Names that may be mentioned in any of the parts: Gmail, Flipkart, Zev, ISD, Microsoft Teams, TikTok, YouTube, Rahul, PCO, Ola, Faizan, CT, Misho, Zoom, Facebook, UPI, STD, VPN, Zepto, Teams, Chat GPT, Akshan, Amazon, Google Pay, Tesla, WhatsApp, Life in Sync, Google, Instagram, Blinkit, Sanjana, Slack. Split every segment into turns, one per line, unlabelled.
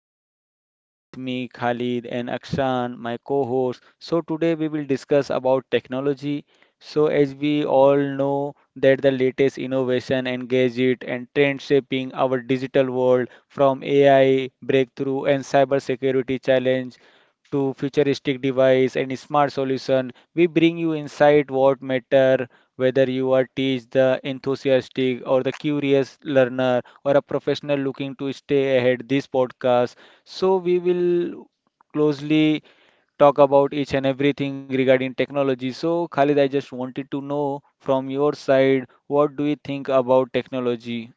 Faizan and today with me Khalid and Akshan, my co-host. So today we will discuss about technology. So as we all know that the latest innovation and gadget and trend shaping our digital world, from AI breakthrough and cybersecurity challenge to futuristic device and smart solution, we bring you insight what matter, whether you are teach the enthusiastic or the curious learner or a professional looking to stay ahead this podcast. So we will closely talk about each and everything regarding technology. So Khalid, I just wanted to know from your side, what do you think about technology?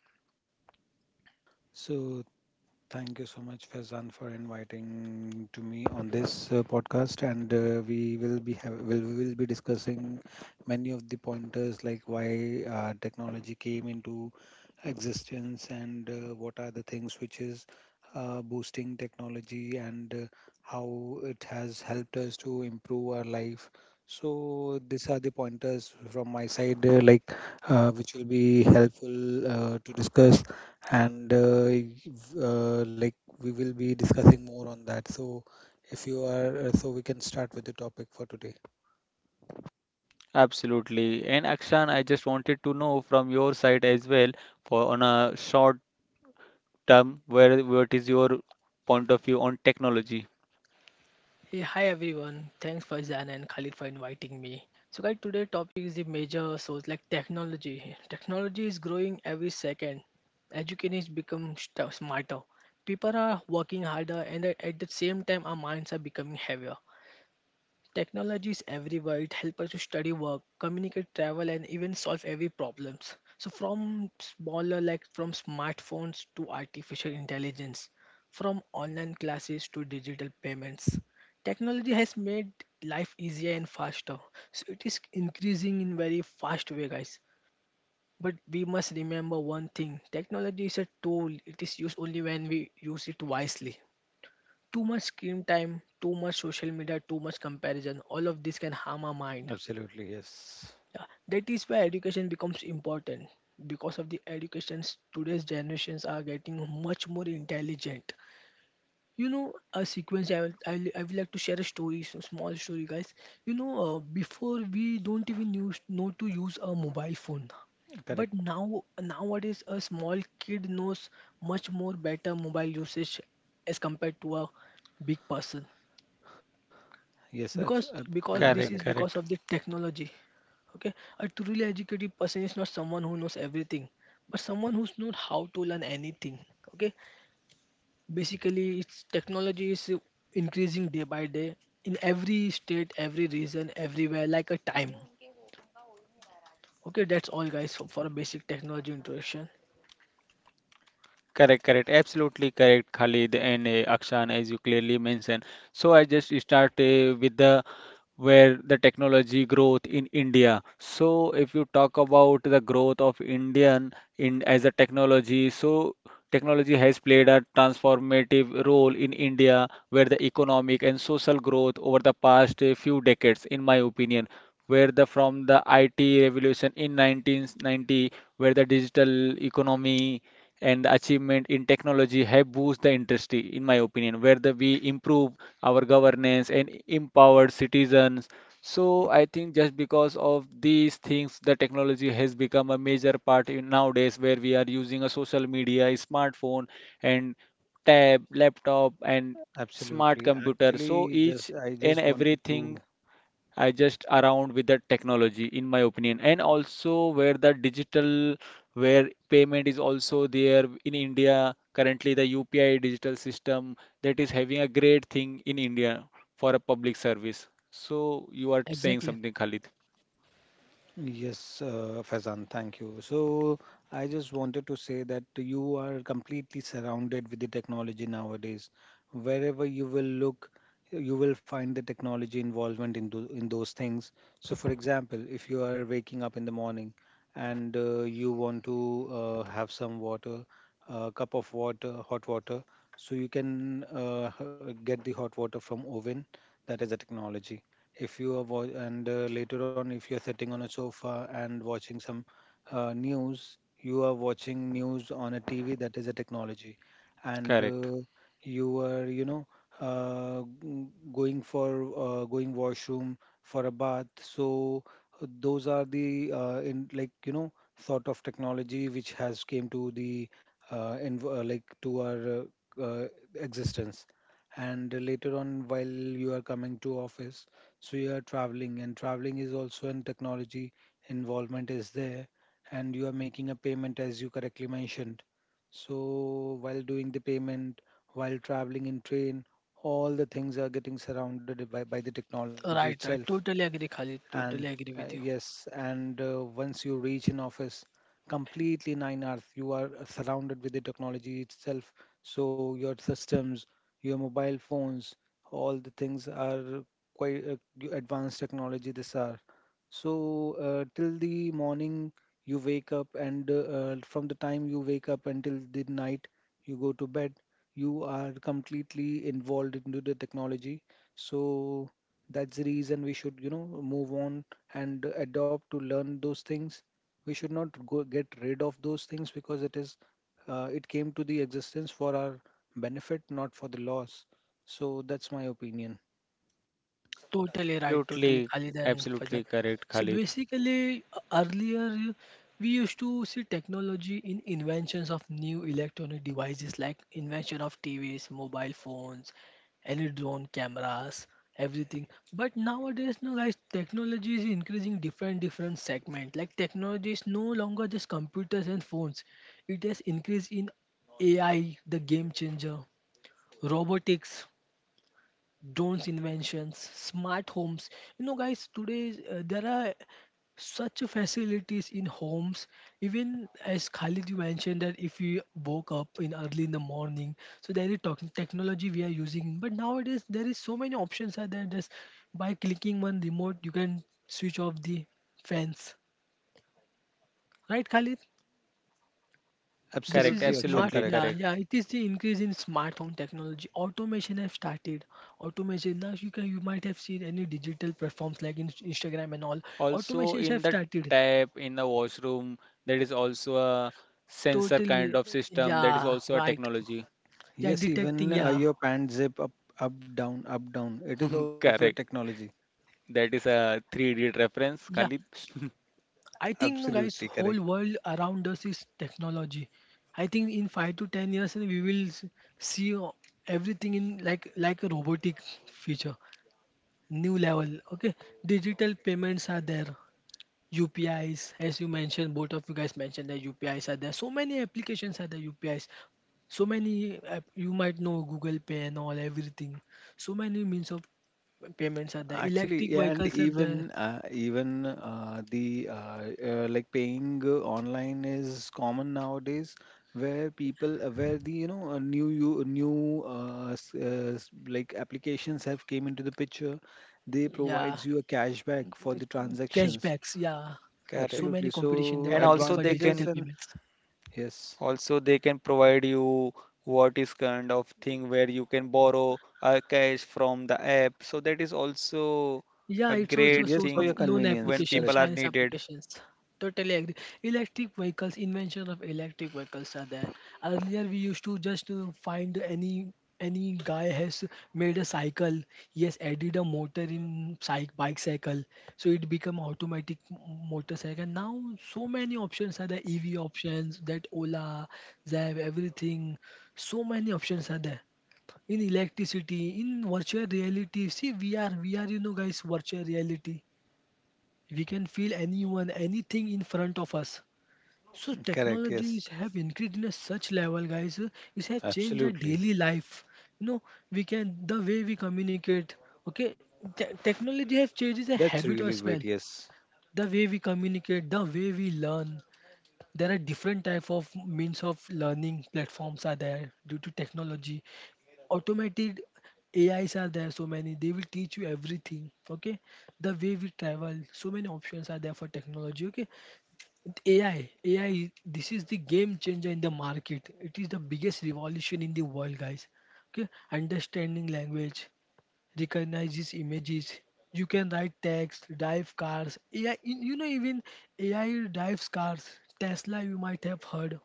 So Thank you so much, Faizan, for inviting to me on this podcast, and we will be have will be discussing many of the pointers like why technology came into existence, and what are the things which is boosting technology, and how it has helped us to improve our life. So these are the pointers from my side, which will be helpful to discuss, and we will be discussing more on that. So if you are, so we can start with the topic for today.
Absolutely. And Akshan, I just wanted to know from your side as well, for on a short term, where what is your point of view on technology?
Hey, hi everyone. Thanks Faizan and Khalid for inviting me. So guys, today topic is the major source like technology. Technology is growing every second. Education is become smarter. People are working harder and at the same time our minds are becoming heavier. Technology is everywhere. It helps us to study, work, communicate, travel, and even solve every problems. So from smaller, like from smartphones to artificial intelligence, from online classes to digital payments, technology has made life easier and faster. So it is increasing in very fast way, guys. But we must remember one thing: technology is a tool. It is used only when we use it wisely. Too much screen time, too much social media, too much comparison, all of this can harm our mind.
Absolutely, yes.
Yeah, that is why education becomes important. Because of the educations, today's generations are getting much more intelligent. A sequence I will like to share a story, so small story, guys. Before we don't even use know to use a mobile phone, but
Correct.
now nowadays a small kid knows much more better mobile usage as compared to a big person,
Yes,
because because this
correct.
Correct,
is because
correct.
of the technology. Okay, a truly educated person is not someone who knows everything, but someone who's known how to learn anything. Okay, basically it's technology is increasing day by day in every state, every region, everywhere like a time. Okay, that's all guys for a basic technology introduction.
Correct, correct, absolutely correct, Khalid, and Akshan, as you clearly mentioned. So I just start with the where the technology growth in India. So if you talk about the growth of Indian in as a technology, so technology has played a transformative role in India, where the economic and social growth over the past few decades, in my opinion, where the from the IT revolution in 1990, where the digital economy and the achievement in technology have boosted the industry, in my opinion, where the we improve our governance and empowered citizens. So I think just because of these things, the technology has become a major part in nowadays, where we are using a social media, a smartphone, and tab, laptop, and smart
Absolutely.
computer. So
Actually, just
each
I
and
just wanted
everything
to.
I just around with the technology, in my opinion, and also where the digital, where payment is also there in India. Currently, the UPI digital system that is having a great thing in India for a public service. So you are saying
Exactly.
something, Khalid?
Yes, Faizan, thank you. So I just wanted to say that you are completely surrounded with the technology nowadays. Wherever you will look, you will find the technology involvement in in those things. So, for example, if you are waking up in the morning and you want to have some water, a cup of water, hot water, so you can get the hot water from oven. That is a technology. If you are wa- and Later on, if you are sitting on a sofa and watching some news, you are watching news on a TV. That is a technology. And
Correct.
You are, you know, uh, g- going for, going washroom for a bath. So those are the, in like you know sort of technology which has came to the in, like to our uh, uh, existence. And later on, while you are coming to office, so you are traveling, and traveling is also in technology. Involvement is there. And you are making a payment as you correctly mentioned. So while doing the payment, while traveling in train, all the things are getting surrounded by the technology
Right,
itself.
right, totally agree khalid
And
totally agree with you
yes, and once you reach in office, completely nine hours you are surrounded with the technology itself. So your systems, your mobile phones, all the things are quite advanced technology this are. So till the morning you wake up, and from the time you wake up until the night you go to bed, you are completely involved into the technology. So that's the reason we should, you know, move on and adopt to learn those things. We should not go get rid of those things because it is, it came to the existence for our benefit, not for the loss. So that's my opinion.
Totally right, totally,
Absolutely,
Khalid and Fajr.
absolutely correct,
So
Khalid.
basically, earlier we used to see technology in inventions of new electronic devices like invention of TVs, mobile phones, any drone cameras, everything. But nowadays, no guys, technology is increasing different different segment. Like technology is no longer just computers and phones. It has increased in AI, the game changer, robotics, drones inventions, smart homes. You know, guys, today there are such facilities in homes. Even as Khalid, you mentioned that if we woke up in early in the morning, so there is technology we are using. But nowadays, there is so many options are there. Just by clicking one remote, you can switch off the fans. Right, Khalid? This
Correct,
is
Absolutely,
the
Akshan,
smart,
absolutely
yeah,
correct.
correct.
yeah. It is the increase in smart home technology. Automation have started. Automation, now you can, you might have seen any digital platforms like in, Instagram and all.
Also
Automations
in
have
the
started.
tap in the washroom, there is also a sensor kind
Totally,
of system. That is
yeah,
also a
right.
technology.
Yeah,
Yes, even
detecting, yeah,
your pant zip up, up, down, up, down. It is also a
Correct.
technology.
That is a 3D reference,
yeah.
Khalid.
I think no,
Absolutely
guys,
correct.
whole world around us is technology. I think in 5 to 10 years we will see o- everything in like a robotic feature, new level. Okay, digital payments are there, UPIs, as you mentioned, both of you guys mentioned that UPIs are there. So many applications are there, UPIs. So many, you might know Google Pay and all, everything. So many means of payments are there.
Actually,
Electric
yeah, and
vehicles are
even
there.
even the like paying online is common nowadays, where people where the you know new you new s- s- like applications have came into the picture. They
Yeah.
provides you a cashback for the
Cashbacks.
transactions.
Yeah. So many
Correct.
Absolutely.
competition in the
So
market
And
for
also they
digital
advantages
can
and
payments.
yes,
also they can provide you what is kind of thing where you can borrow a cash from the app. So that is also
Yeah,
a
it's also
great
a
mm, yes,
source
for
of
your
thing
loan
when
convenience.
applications,
people are
Correct.
Chinese
needed.
applications. Totally agree. Electric vehicles, invention of electric vehicles are there. Earlier, we used to just to find any guy has made a cycle. He has added a motor in cyc bike cycle, so it become automatic motorcycle. Now, so many options are there. EV options, that Ola, Zev, everything. So many options are there in electricity, in virtual reality. See, we are, you know, guys, virtual reality. We can feel anyone, anything in front of us. So
Correct. Yes.
technologies have increased in a such level, guys. It has changed our
Absolutely.
daily life. You know, we can the way we communicate. Okay, technology have changed the
That's
habit
really
as well.
great. Yes.
The way we communicate, the way we learn. There are different type of means of learning platforms are there due to technology, automated AIs are there, so many, they will teach you everything. Okay, the way we travel, so many options are there for technology. Okay, AI this is the game changer in the market, it is the biggest revolution in the world, guys. Okay, understanding language, recognizes images, you can write text, drive cars. AI, you know, even AI drives cars. Tesla, you might have heard,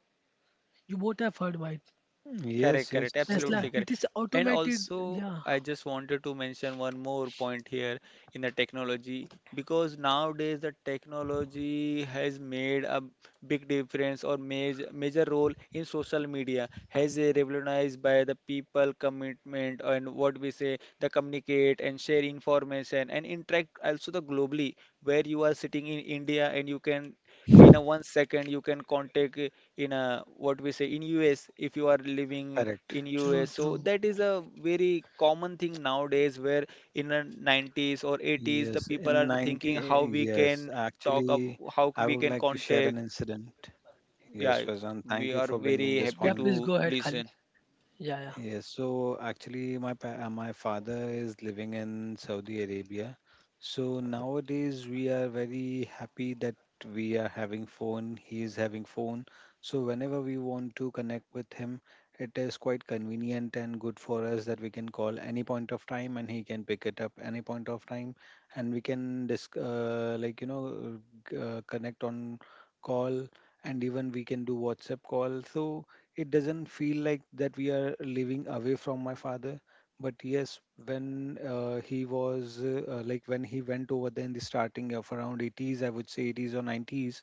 you both have heard, right?
Mm,
Correct,
yes.
correct,
Yes.
Tesla,
absolutely
it
correct.
is
And
automated.
also,
Yeah,
I just wanted to mention one more point here in the technology, because nowadays the technology has made a big difference or major role in social media, has a revolutionized by the people commitment and what we say the communicate and share information and interact also the globally, where you are sitting in India and you can in a 1 second you can contact in a what we say in US, if you are living
Correct.
in US,
true,
so
true.
that is a very common thing nowadays, where in the 90s or
Yes,
80s the
in
people are
90,
thinking how we
yes,
can talk up,
actually,
how
I would
we
like
can
to share an
contact.
incident. Yes,
Yeah,
Fazan, thank
we
you for
are
bringing
very
this
happy
Yeah,
point.
please
to
go ahead,
listen.
Khalid. Yeah, yeah.
Yes, so actually, my father is living in Saudi Arabia. So nowadays we are very happy that we are having phone, he is having phone. So whenever we want to connect with him, it is quite convenient and good for us that we can call any point of time and he can pick it up any point of time, and we can disc like you know g- connect on call. And even we can do WhatsApp call. So it doesn't feel like that we are living away from my father. But yes, when he was like when he went over there in the starting of around 80s, I would say 80s or 90s.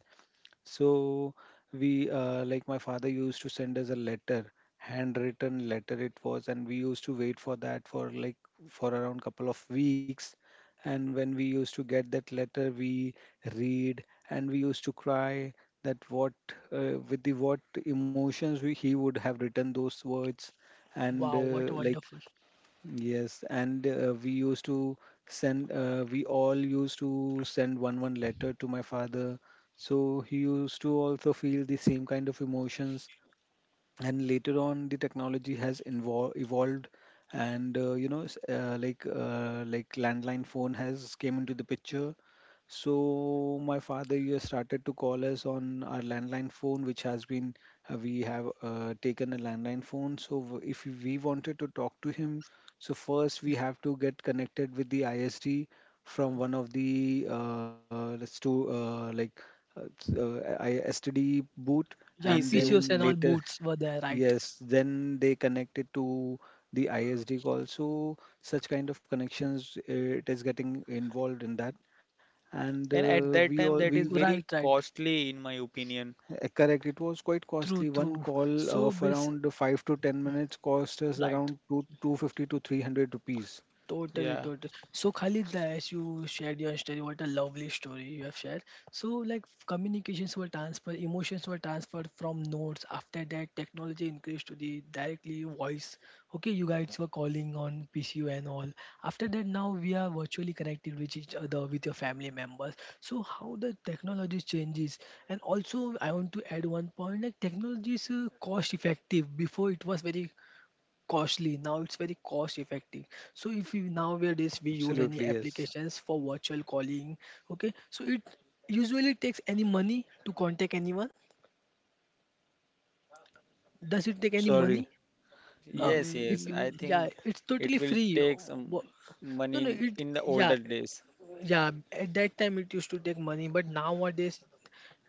So we, my father used to send us a letter, handwritten letter it was, and we used to wait for that for like for around couple of weeks. And when we used to get that letter, we read, and we used to cry that what, with the what emotions he would have written those words. And
Wow, what wonderful.
yes, and we used to send, we all used to send one letter to my father. So he used to also feel the same kind of emotions. And later on, the technology has invol evolved, and you know, landline phone has came into the picture. So my father you started to call us on our landline phone, which has been, we have taken a landline phone. So if we wanted to talk to him, so first we have to get connected with the ISD from one of the, let's do like s- I- STD boot,
Yeah,
and
PCO,
PCOs
then
and
yeah.
all
later
boots were there, right?
yes, then they connect it to the ISD call. So such kind of connections, it is getting involved in that. And
And at
we
that
all
time that
we
is very
Right, right.
costly in my opinion.
correct, it was quite
True,
costly. One
true.
call
So
of
basic,
around 5 to 10 minutes cost us
right.
around 2 250 to 300 rupees.
Totally,
Yeah.
totally. So, Khalid,
S-
as you shared your story, what a lovely story you have shared. So, like communications were transferred, emotions were transferred from notes. After that, technology increased to the directly voice. Okay, you guys were calling on PCU and all. After that, now we are virtually connected with each other, with your family members. So, how the technology changes, and also I want to add one point like technology is cost effective. Before it was very costly, now it's very cost effective. So if you, nowadays we use any
Absolutely, yes.
applications for virtual calling, okay, so it usually takes any money to contact anyone, does it take
I'm
any
sorry.
money? uh
Yes,
if,
yes. I
Mm,
yeah,
think
it's
it
totally
will
free.
take
Oh,
some
no,
money
no,
in,
it
in the
yeah,
older days.
yeah, at that time it used to take money, but nowadays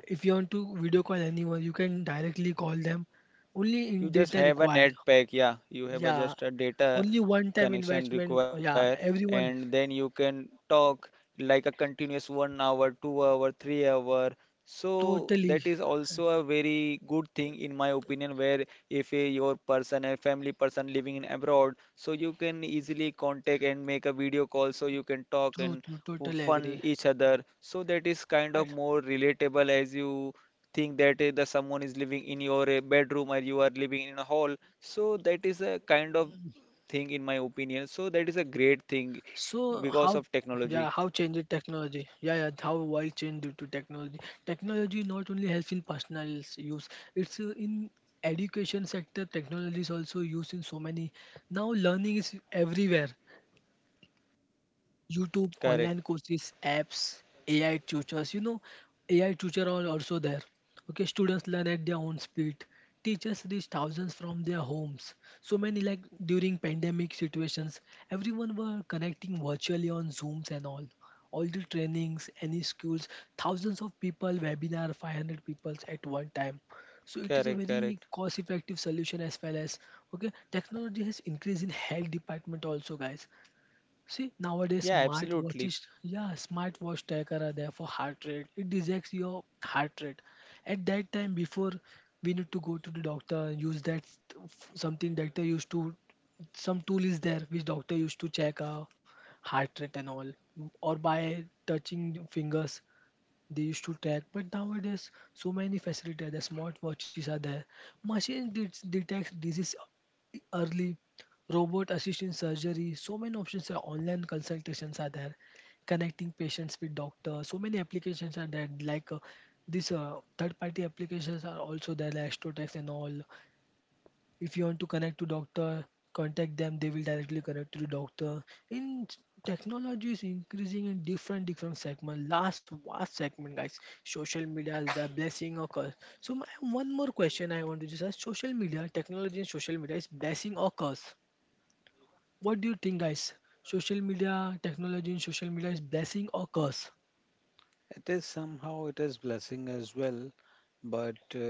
if you want to video call anyone you can directly call them, only
You
in
just
data
have a
required.
net pack, yeah. You have a,
Yeah,
just a data
only one time
connection
investment,
require,
yeah,
and
everyone.
then you can talk like a continuous 1 hour, 2 hour, 3 hour. So
Totally
that is also a very good thing in my opinion, where if a, your person, a family person living in abroad, so you can easily contact and make a video call, so you can talk
true,
and
true, totally
fun
agree.
each other. So that is kind of
Right.
more relatable, as you think that the someone is living in your bedroom, or you are living in a hall, so that is a kind of thing in my opinion, so that is a great thing
So how,
because of
yeah, how
technology.
changes technology? Yeah, yeah, how world change due to technology. Technology not only helps in personal use, it's in education sector technology is also used in so many, now learning is everywhere: YouTube,
Correct,
online courses, apps, AI tutors. You know, AI tutor are also there. Okay, students learn at their own speed. Teachers reach thousands from their homes. So many like during pandemic situations, everyone were connecting virtually on Zooms and all. All the trainings, any schools, thousands of people, webinar, 500 people at one time. So it is a
correct,
very
correct.
cost-effective solution as well as okay. Technology has increased in health department also, guys. See, nowadays
Yeah, absolutely.
smartwatches, yeah, smartwatch tracker are there for heart rate. It detects your heart rate. At that time, before, we need to go to the doctor, use that something doctor used to, some tool is there which doctor used to check our heart rate and all, or by touching fingers they used to track, but nowadays so many facilities, the smartwatches are there, machine detects disease early, robot assisted surgery, so many options, are online consultations are there, connecting patients with doctors, so many applications are there like this third party applications are also there like astrotex and all. If you want to connect to doctor, contact them, they will directly connect to the doctor. In technology is increasing in different different segment, last vast segment, guys. Social media is a blessing or curse. So my one more question I want to just ask, social media, technology and social media is blessing or curse, what do you think guys? Social media, technology and social media is blessing or curse?
it is somehow it is blessing as well, but uh,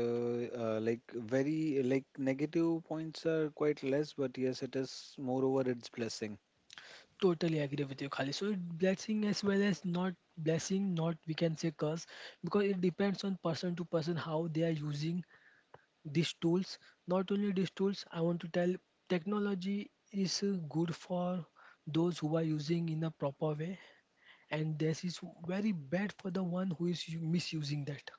uh, like very like negative points are quite less, but yes, it is moreover it's blessing.
Totally agree with you, Khali. So it blessing as well as not blessing, not we can say curse, because it depends on person to person how they are using these tools. Not only these tools, I want to tell technology is good for those who are using in a proper way, and this is very bad for the one who is misusing that.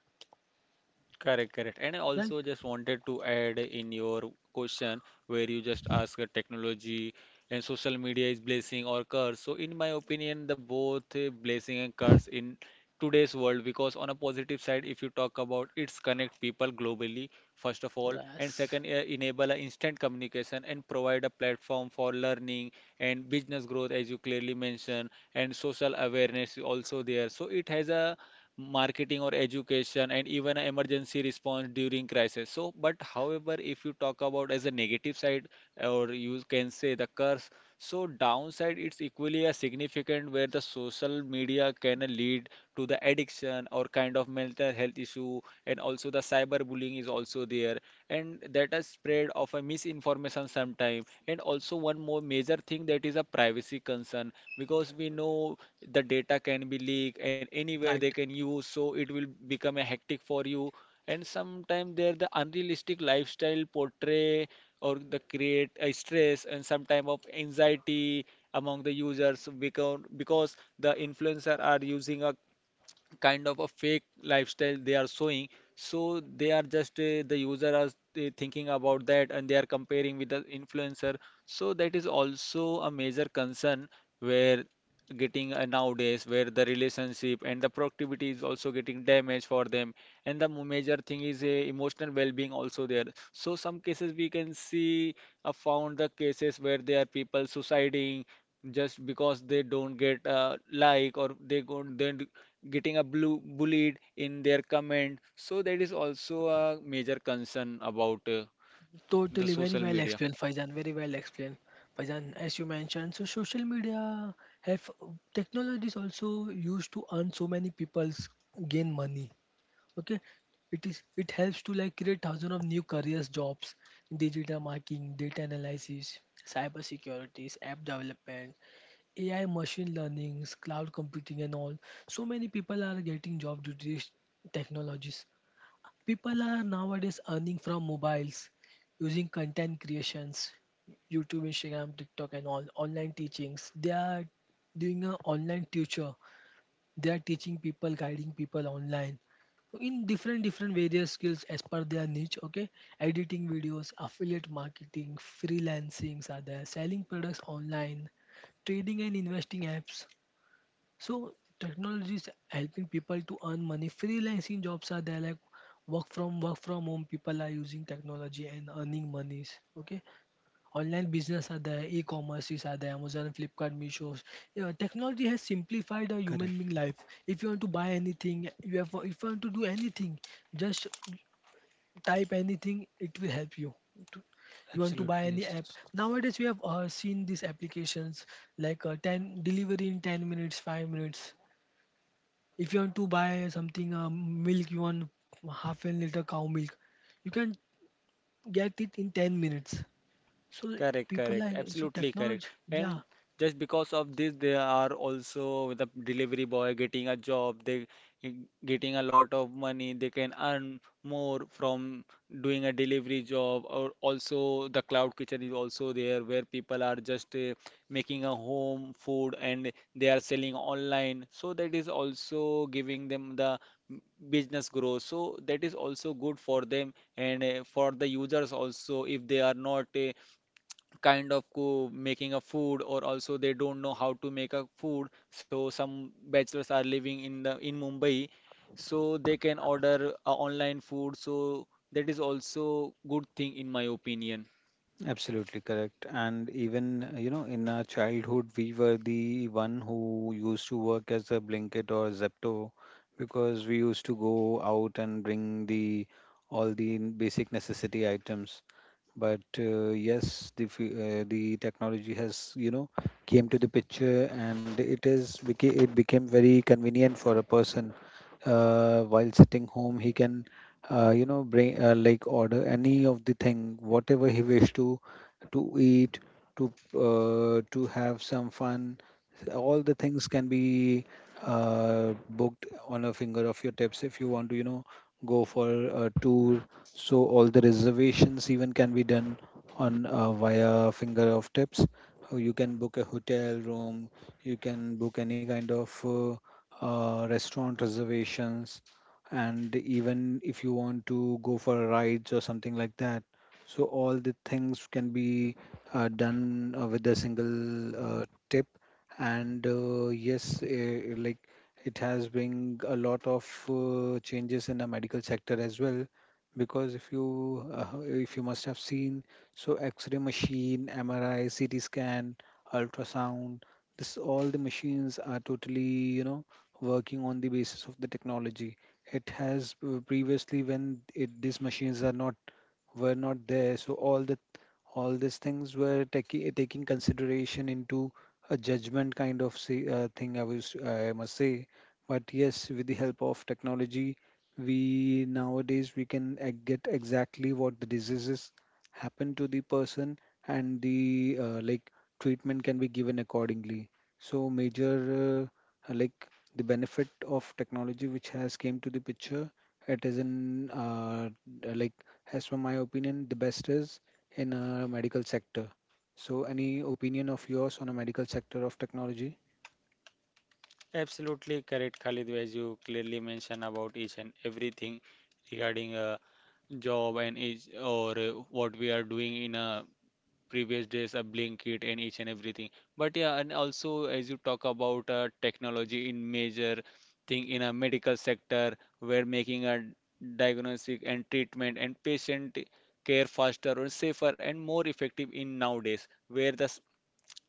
Correct, correct. And I also
Right?
just wanted to add in your question where you just ask a technology and social media is blessing or curse. So in my opinion, the both blessing and curse in today's world, because on a positive side, if you talk about, it's connect people globally, first of all, and
Yes.
second, enable a instant communication and provide a platform for learning and business growth, as you clearly mentioned, and social awareness also there. So it has a marketing or education and even a emergency response during crisis, so but however if you talk about as a negative side, or you can say the curse, so downside it's equally as significant, where the social media can lead to the addiction or kind of mental health issue, and also the cyberbullying is also there, and that is spread of a misinformation sometime, and also one more major thing that is a privacy concern, because we know the data can be leaked and anywhere they
Right.
can use, so it will become a hectic for you. And sometimes there the unrealistic lifestyle portray or the create a stress and some type of anxiety among the users, because the influencer are using a kind of a fake lifestyle they are showing, so they are just the user are thinking about that and they are comparing with the influencer. So that is also a major concern, where getting nowadays, where the relationship and the productivity is also getting damaged for them, and the major thing is emotional well-being also there. So some cases we can see, found the cases where there are people suiciding just because they don't get like, or they go then getting a blue bullied in their comment, so that is also a major concern about the
Totally, very
social
well
media.
explained, Faizan. Very well explained, Faizan. As you mentioned, so social media have technology is also used to earn so many people's gain money. Okay, it is it helps to like create thousands of new careers, jobs, digital marketing, data analysis, cyber securities, app development, AI, machine learnings, cloud computing, and all. So many people are getting job due to these technologies. People are nowadays earning from mobiles using content creations, YouTube, Instagram, TikTok, and all online teachings. They are doing a online tutor. They are teaching people, guiding people online in different different various skills as per their niche. Okay, editing videos, affiliate marketing, freelancings are there, selling products online, trading and investing apps, so technology is helping people to earn money. Freelancing jobs are there like work from home. People are using technology and earning monies. Okay. Online business are there, e-commerces are there, Amazon, Flipkart, Misho. Yeah, technology has simplified a human being
Correct,
life. If you want to buy anything, you have if you want to do anything, just type anything, it will help you. to- you want to buy
absolutely,
any app
yes.
nowadays. We have seen these applications like 10 delivery in 10 minutes, 5 minutes. If you want to buy something, milk you want, half a liter cow milk, you can get it in 10 minutes. So
Correct,
people
correct,
are so
absolutely correct.
technology, yeah.
And just because of this, they are also with a delivery boy getting a job, they eh, getting a lot of money, they can earn more from doing a delivery job. Or also, the cloud kitchen is also there, where people are just making a home food and they are selling online. So that is also giving them the business growth. So that is also good for them, and for the users also, if they are not kind of making a food, or also they don't know how to make a food, so some bachelors are living in the in Mumbai, so they can order online food, so that is also good thing in my opinion.
Absolutely correct. And even, you know, in our childhood, we were the one who used to work as a Blinkit or Zepto, because we used to go out and bring the all the basic necessity items. But yes, the technology has, you know, came to the picture, and it became very convenient for a person. While sitting home, he can, bring, order any of the thing whatever he wish to eat, to have some fun. All the things can be booked on a finger of your tips. If you want to, you know, go for a tour, so all the reservations even can be done on, via finger of tips. You can book a hotel room, you can book any kind of restaurant reservations. And even if you want to go for a rides or something like that, so all the things can be done with a single uh, tip. And yes, like it has bring a lot of changes in the medical sector as well. Because if you, if you must have seen, so x-ray machine, MRI, CT scan, ultrasound, this all the machines are totally, you know, working on the basis of the technology. It has, previously when it, these machines are not, were not there. So all the all these things were taking consideration into a judgment kind of say, thing. I must say. But yes, with the help of technology, we nowadays we can get exactly what the diseases happen to the person, and the, treatment can be given accordingly. So major uh, like the benefit of technology which has came to the picture, it is an, like as for my opinion, the best is in a medical sector. So, any opinion of yours on a medical sector of technology?
Absolutely correct, Khalid, as you clearly mentioned about each and everything regarding a job and each, or what we are doing in a previous days, a blinkit and each and everything. But yeah, and also as you talk about technology in major thing in a medical sector, where making a diagnostic and treatment and patient care faster or safer and more effective in nowadays, where the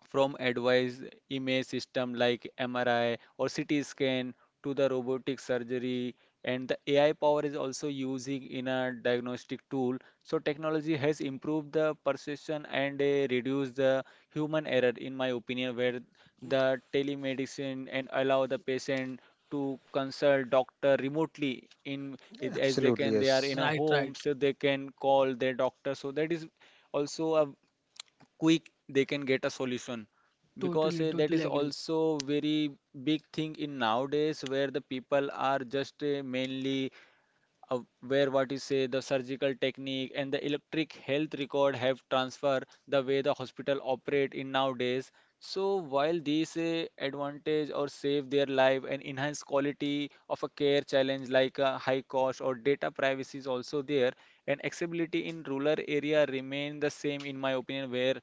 from advanced image system like MRI or CT scan to the robotic surgery, and the AI power is also using in a diagnostic tool. So technology has improved the perception and reduced the human error in my opinion, where the telemedicine and allow the patient to consult doctor remotely, as they
Absolutely,
can, they are in
yes.
a
Right,
home,
right.
so they can call their doctor, so that is also a quick they can get a solution, because
Totally,
that is
totally agree.
also very big thing in nowadays, where the people are just mainly, uh, where what you say the surgical technique and the electric health record have transfer the way the hospital operate in nowadays. So while these advantage or save their life and enhance quality of a care, challenge like a high cost or data privacy is also there, and accessibility in rural area remain the same in my opinion, where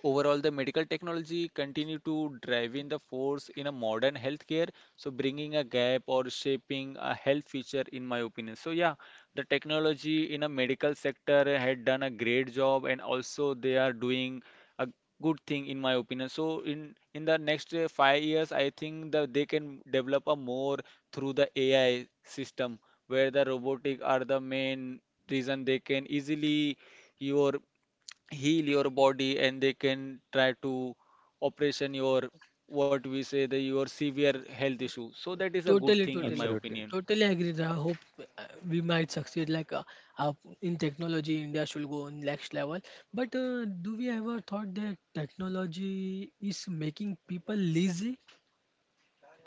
overall, the medical technology continue to drive in the force in a modern healthcare, so bringing a gap or shaping a health feature, in my opinion. So yeah, the technology in a medical sector had done a great job, and also they are doing a good thing, in my opinion. So in the next 5 years, I think that they can develop a more through the AI system, where the robotic are the main reason they can easily your heal your body, and they can try to operation your what we say the your severe health issue, so that is a good
Totally,
thing in my
totally,
Absolutely.
opinion.
totally agree. I hope we might succeed, like uh, in technology India should go on next level. But do we ever thought that technology is making people lazy?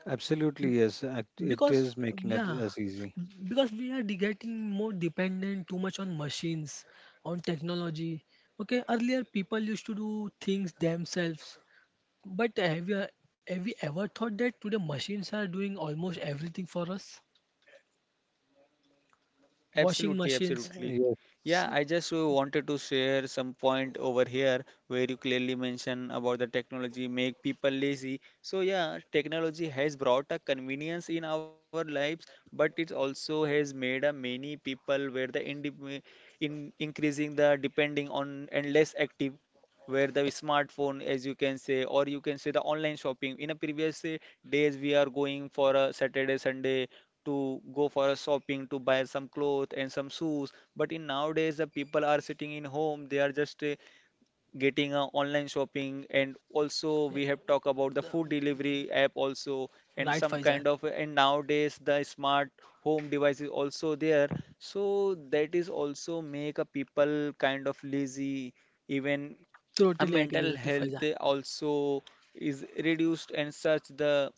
Absolutely, yes. It
Because,
is making it
yeah,
as easy.
because we are getting more dependent too much on machines, on technology. Okay, earlier people used to do things themselves, but have we ever thought that today machines are doing almost everything for us? Washing
Absolutely,
machines.
absolutely. Yeah,
See,
I just wanted to share some point over here where you clearly mention about the technology make people lazy. So yeah, technology has brought a convenience in our lives, but it also has made a many people where the in increasing the depending on and less active where the smartphone, as you can say, or you can say the online shopping in a previous days we are going for a Saturday Sunday to go for a shopping to buy some clothes and some shoes, but in nowadays the people are sitting in home, they are just getting online shopping, and also
yeah,
we have talked about the
uh,
food delivery app also, and
right,
some
Faizan?
kind of, and nowadays the smart home device is also there, so that is also make a people kind of lazy, even a
Totally agree
mental
with you, Faizan.
health also is reduced, and such the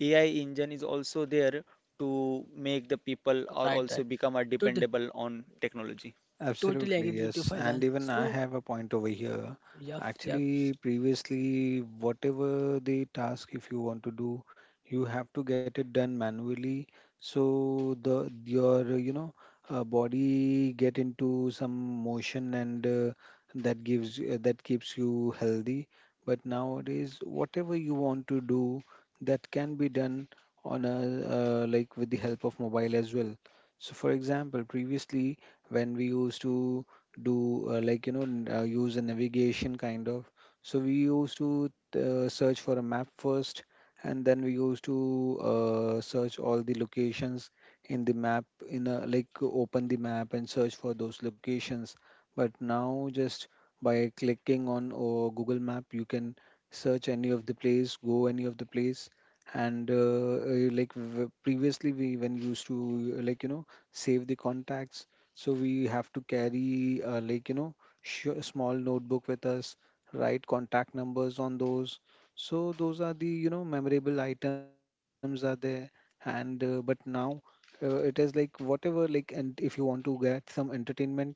AI engine is also there to make the people are
Right, right.
also become are
Totally,
dependable on technology.
totally
Absolutely,
agree with you,
yes. And
Faizan.
even I
So,
have a point over here.
yeah, yeah.
Actually, previously, whatever the task if you want to do, you have to get it done manually. So the your, you know, body get into some motion, and that keeps you healthy. But nowadays, whatever you want to do, that can be done on a, with the help of mobile as well. So, for example, previously, when we used to do, use a navigation kind of, so we used to search for a map first, and then we used to search all the locations in the map, in a like open the map and search for those locations. But now just by clicking on or Google Map, you can search any of the place, go any of the place. And previously we when used to, save the contacts, so we have to carry, small notebook with us, write contact numbers on those. So those are the, you know, memorable items are there. And but now it is like whatever, like, and if you want to get some entertainment,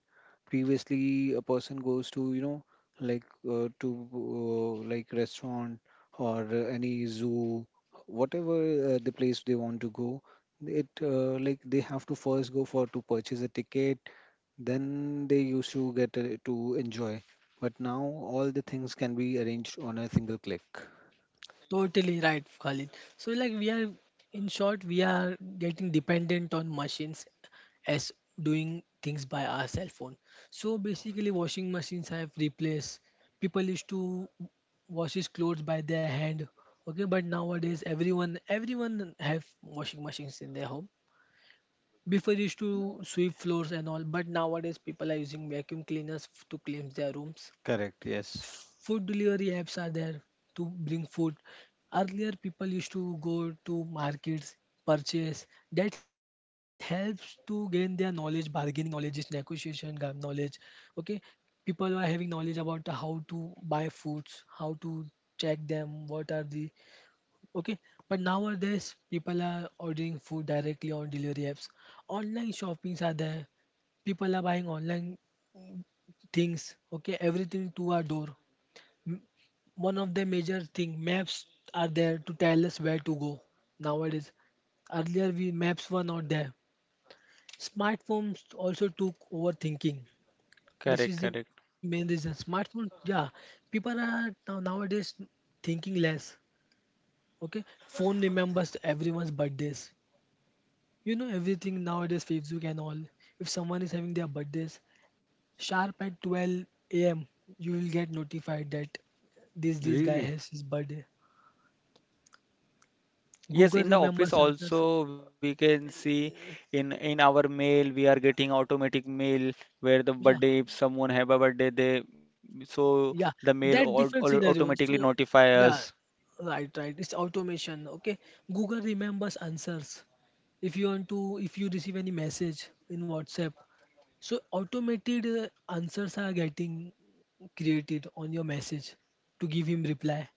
previously a person goes to, like to like restaurant or any zoo, whatever the place they want to go it like they have to first go for to purchase a ticket, then they used to get to enjoy. But now all the things can be arranged on a single click.
Totally right, Khalid. So like we are, in short, we are getting dependent on machines, as doing things by our cell phone. So basically washing machines have replaced, people used to wash his clothes by their hand. Okay, but nowadays everyone have washing machines in their home. Before used to sweep floors and all, but nowadays people are using vacuum cleaners to cleanse their rooms.
Correct, yes.
Food delivery apps are there to bring food. Earlier, people used to go to markets, purchase. That helps to gain their knowledge, bargaining knowledge, knowledge. Okay, people are having knowledge about the how to buy foods, how to check them, what are the, okay. But nowadays, people are ordering food directly on delivery apps. Online shoppings are there, people are buying online things, okay, everything to our door. One of the major thing, maps are there to tell us where to go nowadays. Earlier we, maps were not there. Smartphones also took over thinking. This
Correct,
is the
correct.
main reason, smartphone, yeah. People are now nowadays thinking less. Okay, phone remembers everyone's birthdays, you know everything nowadays, Facebook and all. If someone is having their birthdays, sharp at 12 a.m. you will get notified that this guy
Really?
has his birthday.
Yes,
Google
in the office
remembers answers.
also we can see in our mail we are getting automatic mail where the
Yeah,
birthday, if someone have a birthday they, so the
yeah, that different scenario.
automatically
So,
notify us.
yeah, right, right. It's automation. Okay, Google remembers answers. If you want to, if you receive any message in WhatsApp, so automated answers are getting created on your message to give him reply.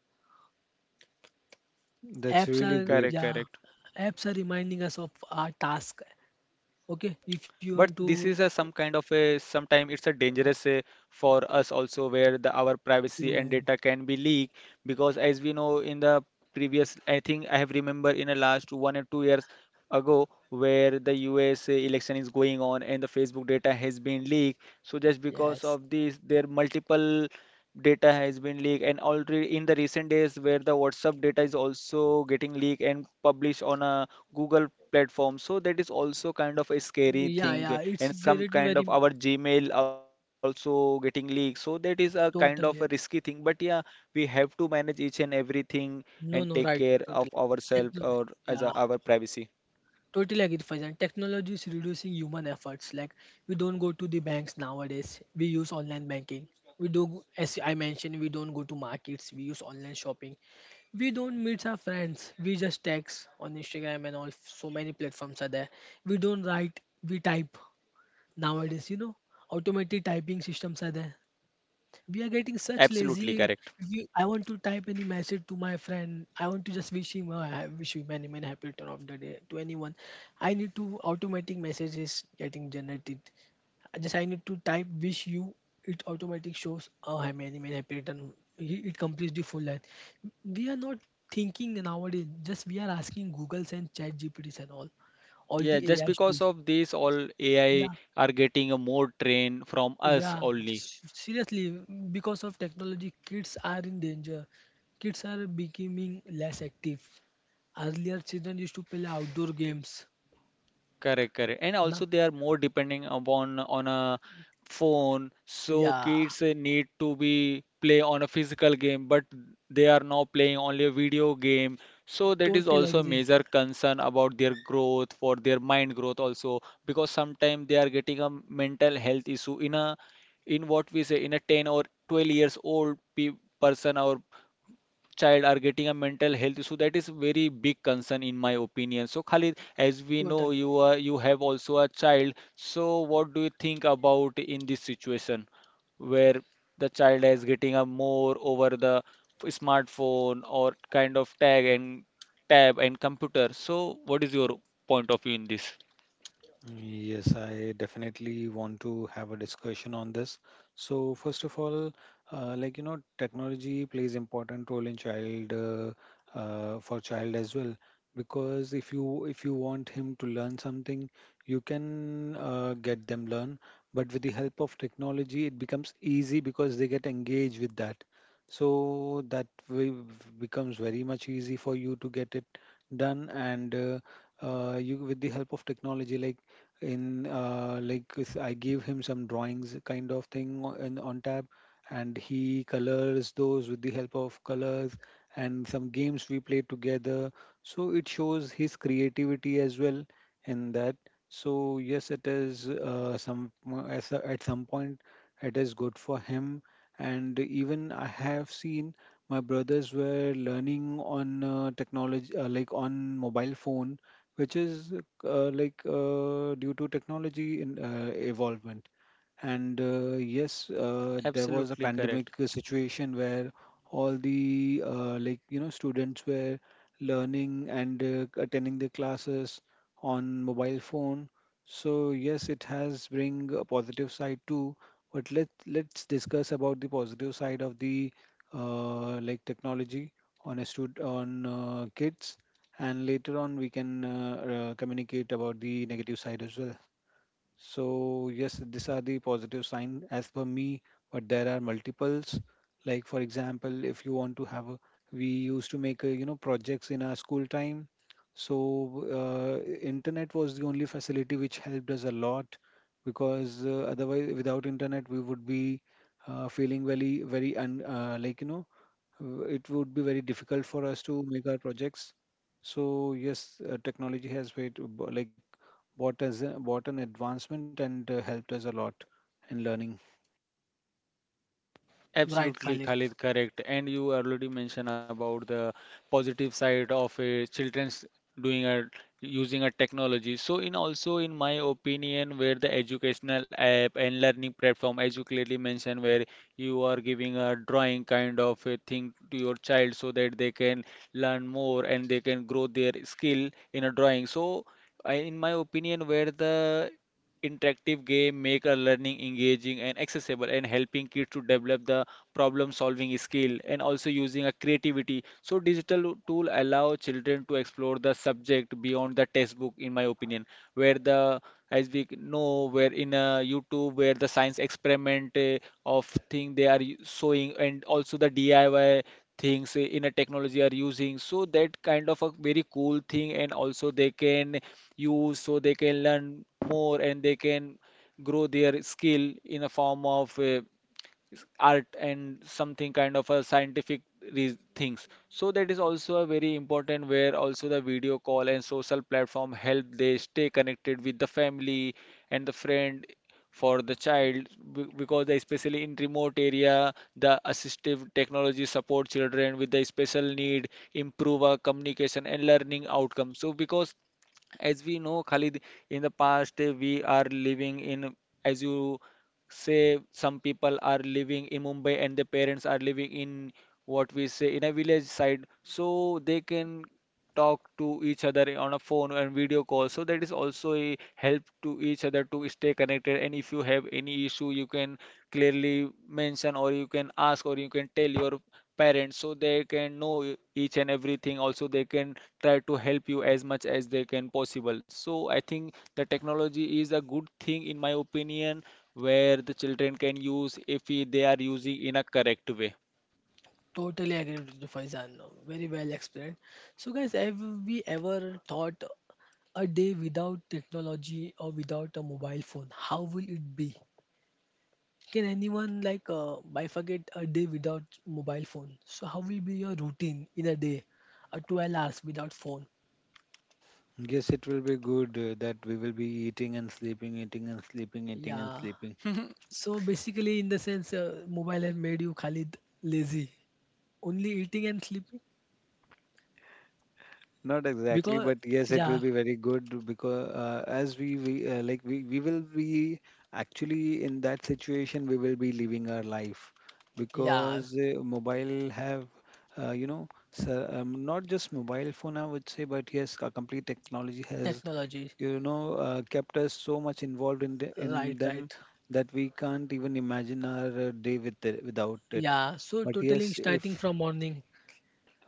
That's
Apps
really
are,
great.
Correct,
yeah,
correct.
apps are reminding us of our task.
But this is a some
Okay,
kind
if
of
you want
a
to
sometime it's a dangerous for us also, where the our privacy and data can be
through,
leaked, because as we know, in the previous, I think I have remember in the last 1 or 2 years ago where the US election is going on and the Facebook data has been leaked. So just because
yes,
of this, there multiple data has been leaked, and already in the recent days where the WhatsApp data is also getting leaked and published on a Google platform. So that is also kind of a scary
yeah,
thing,
yeah.
and
It's
some
getting
kind of
very
our Gmail also getting leaked. So that is a kind of a risky
totally.
thing. But yeah, we have to manage each and everything and
No,
take
no,
care
right,
of
totally.
ourselves or
Techno-.
as a,
Yeah,
our privacy.
totally agree, Faizan. Technology is reducing human efforts. Like we don't go to the banks nowadays. We use online banking. We do, as I mentioned, we don't go to markets. We use online shopping. We don't meet our friends. We just text on Instagram and all. So many platforms are there. We don't write. We type nowadays. You know, automatic typing systems are there. We are getting such
Absolutely
lazy.
correct.
We, I want to type any message to my friend. I want to just wish him, I wish you many, many happy return of the day to anyone. I need to automatic messages getting generated. I, just I need to type wish you. It automatic shows, oh, hi, many, many happy return. It completes the full line. We are not thinking nowadays. Just we are asking Googles and Chat GPTs and all
Yeah,
the
just
AI
because
tools.
of this, all AI
Yeah,
are getting a more train from us
yeah,
only.
seriously, because of technology, kids are in danger. Kids are becoming less active. Earlier, children used to play outdoor games.
Correct, correct. And also
Na?
they are more depending upon on a phone. So
Yeah,
kids need to be play on a physical game, but they are now playing only a video game. So that is
totally
also a
agree.
major concern about their growth, for their mind growth also, because sometimes they are getting a mental health issue in a in what we say in a 10 or 12 years old pe person or child are getting a mental health issue. That is very big concern in my opinion. So Khalid, as we know,
Totally
you are, you have also a child, so what do you think about in this situation where the child is getting a more over the smartphone or kind of tag and tab and computer? So what is your point of view in this?
Yes, I definitely want to have a discussion on this. So first of all, like you know, technology plays important role in child for child as well because if you want him to learn something, you can get them learn. But with the help of technology, it becomes easy because they get engaged with that. So that way becomes very much easy for you to get it done and you with the help of technology like in like if I gave him some drawings kind of thing in on tab, and he colors those with the help of colors and some games we play together. So it shows his creativity as well in that. So yes, it is some as at some point it is good for him. And even I have seen my brothers were learning on technology like on mobile phone which is due to technology in evolvement. And yes, there was a
Absolutely
pandemic
correct.
situation where all the like you know students were learning and attending the classes on mobile phone. So yes, it has bring a positive side too. But let's discuss about the positive side of the like technology on a stud on kids, and later on we can communicate about the negative side as well. So yes, these are the positive sign as per me, but there are multiples, like for example, if you want to have a, we used to make you know projects in our school time. So internet was the only facility which helped us a lot because otherwise without internet we would be feeling very very like you know it would be very difficult for us to make our projects. So yes, technology has made like bought us bought an advancement and helped us a lot in learning.
right,
Absolutely,
Khalid.
Khalid, correct. And you already mentioned about the positive side of children's doing a using a technology. So in also in my opinion, where the educational app and learning platform, as you clearly mentioned, where you are giving a drawing kind of a thing to your child so that they can learn more and they can grow their skill in a drawing. So in my opinion, where the interactive game make a learning engaging and accessible and helping kids to develop the problem solving skill and also using a creativity, so digital tool allow children to explore the subject beyond the textbook, in my opinion, where the, as we know, where in YouTube where the science experiment of thing they are showing, and also the DIY things in a technology are using, so that kind of a very cool thing, and also they can use, so they can learn more and they can grow their skill in a form of art and something kind of a scientific re things. So that is also a very important where also the video call and social platform help they stay connected with the family and the friend for the child, because they especially in remote area, the assistive technology support children with the special need, improve our communication and learning outcome. So because as we know Khalid, in the past we are living in, as you say, some people are living in Mumbai and their parents are living in what we say in a village side, so they can talk to each other on a phone and video call. So that is also a help to each other to stay connected. And if you have any issue, you can clearly mention or you can ask or you can tell your parents so they can know e- each and everything, also they can try to help you as much as they can possible. So I think the technology is a good thing in my opinion, where the children can use if they are using in a correct way.
Totally agree with you, Faizan. Very well explained. So, guys, have we ever thought a day without technology or without a mobile phone? How will it be? Can anyone like bifurcate a day without mobile phone? So how will be your routine in a day, a 12 hours without phone?
Yes, it will be good that we will be eating and sleeping, eating and sleeping, eating and
Yeah.
sleeping.
So basically, in the sense, mobile has made you Khalid lazy, only eating and sleeping.
Not exactly,
Because
but yes, it will
yeah,
be very good because as we like we will be actually in that situation we will be living our life
yeah,
because mobile have you know so, not just mobile phone I would say, but yes a complete technology has
technology.
you know kept us so much involved in
Right,
them
right.
that we can't even imagine our day with it, without it.
Yeah. So
But
totaling
yes, if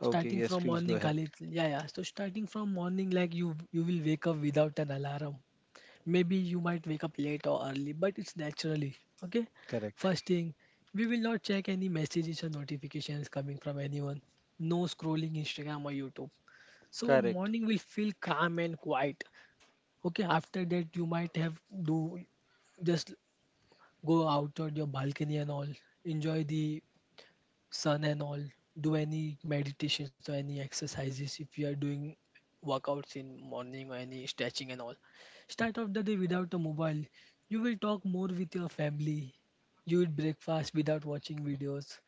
okay, yes,
from
please go
morning,
ahead.
Khalid. Yeah, yeah. So starting from morning, like you will wake up without an alarm. Maybe you might wake up late or early, but it's naturally. Okay?
Correct.
First thing, we will not check any messages or notifications coming from anyone. No scrolling Instagram or YouTube. So
Correct.
morning will feel calm and quiet. Okay, after that you might have do, just go out on your balcony and all. Enjoy the sun and all, do any meditations or any exercises if you are doing workouts in morning or any stretching and all. Start off the day without a mobile. You will talk more with your family. You will breakfast without watching videos.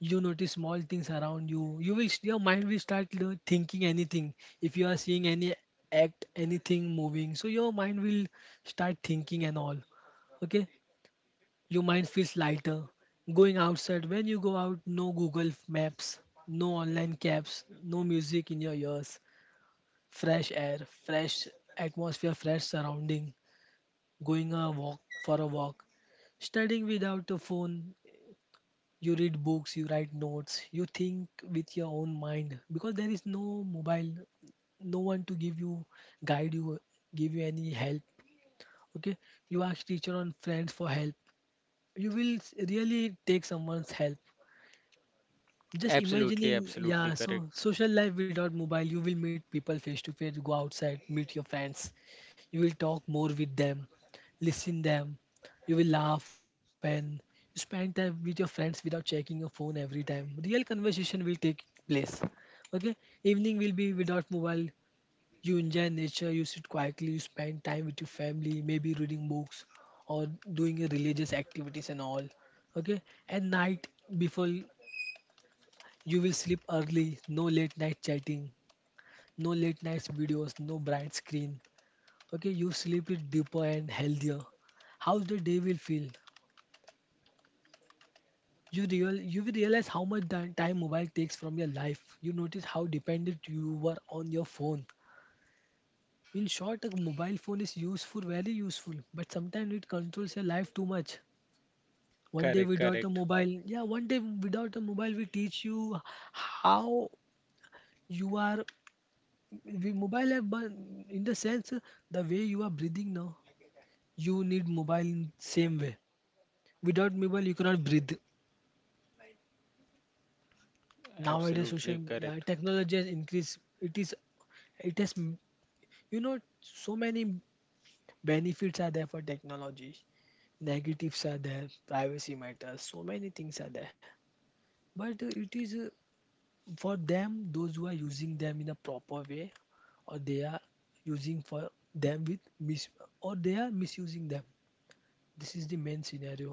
You notice small things around you. You will, your mind will start, you thinking anything. If you are seeing any act anything moving, so your mind will start thinking and all. Okay, your mind feels lighter. Going outside, when you go out, no Google Maps, no online cabs, no music in your ears. Fresh air, fresh atmosphere, fresh surrounding. Going a walk for a walk. Studying without a phone, you read books, you write notes, you think with your own mind, because there is no mobile, no one to give you, guide you, give you any help. Okay, you ask teacher and friends for help. You will really take someone's help. Just
Absolutely,
imagining,
absolutely
yeah, so
correct.
social life without mobile, you will meet people face to face, go outside, meet your friends. You will talk more with them, listen them. You will laugh and spend time with your friends without checking your phone every time. Real conversation will take place. Okay, evening will be without mobile. You enjoy nature, you sit quietly, you spend time with your family, maybe reading books or doing a religious activities and all. Okay, and night before, you will sleep early, no late night chatting, no late night videos, no bright screen. Okay, you sleep it deeper and healthier. How's the day will feel? You will realize how much time mobile takes from your life. You notice how dependent you were on your phone. In short, a mobile phone is useful, very useful, but sometimes it controls your life too much. One day
Correct,
without a
correct.
mobile, yeah, one day without a mobile will teach you how you are, we mobile have but in the sense, the way you are breathing now, you need mobile in same way. Without mobile you cannot breathe nowadays.
Absolutely
Social yeah,
correct.
technology has increased. It is, it has m- you know, so many benefits are there for technology. Negatives are there, privacy matters, so many things are there. But it is for them those who are using them in a proper way, or they are using for them with mis, or they are misusing them. This is the main scenario.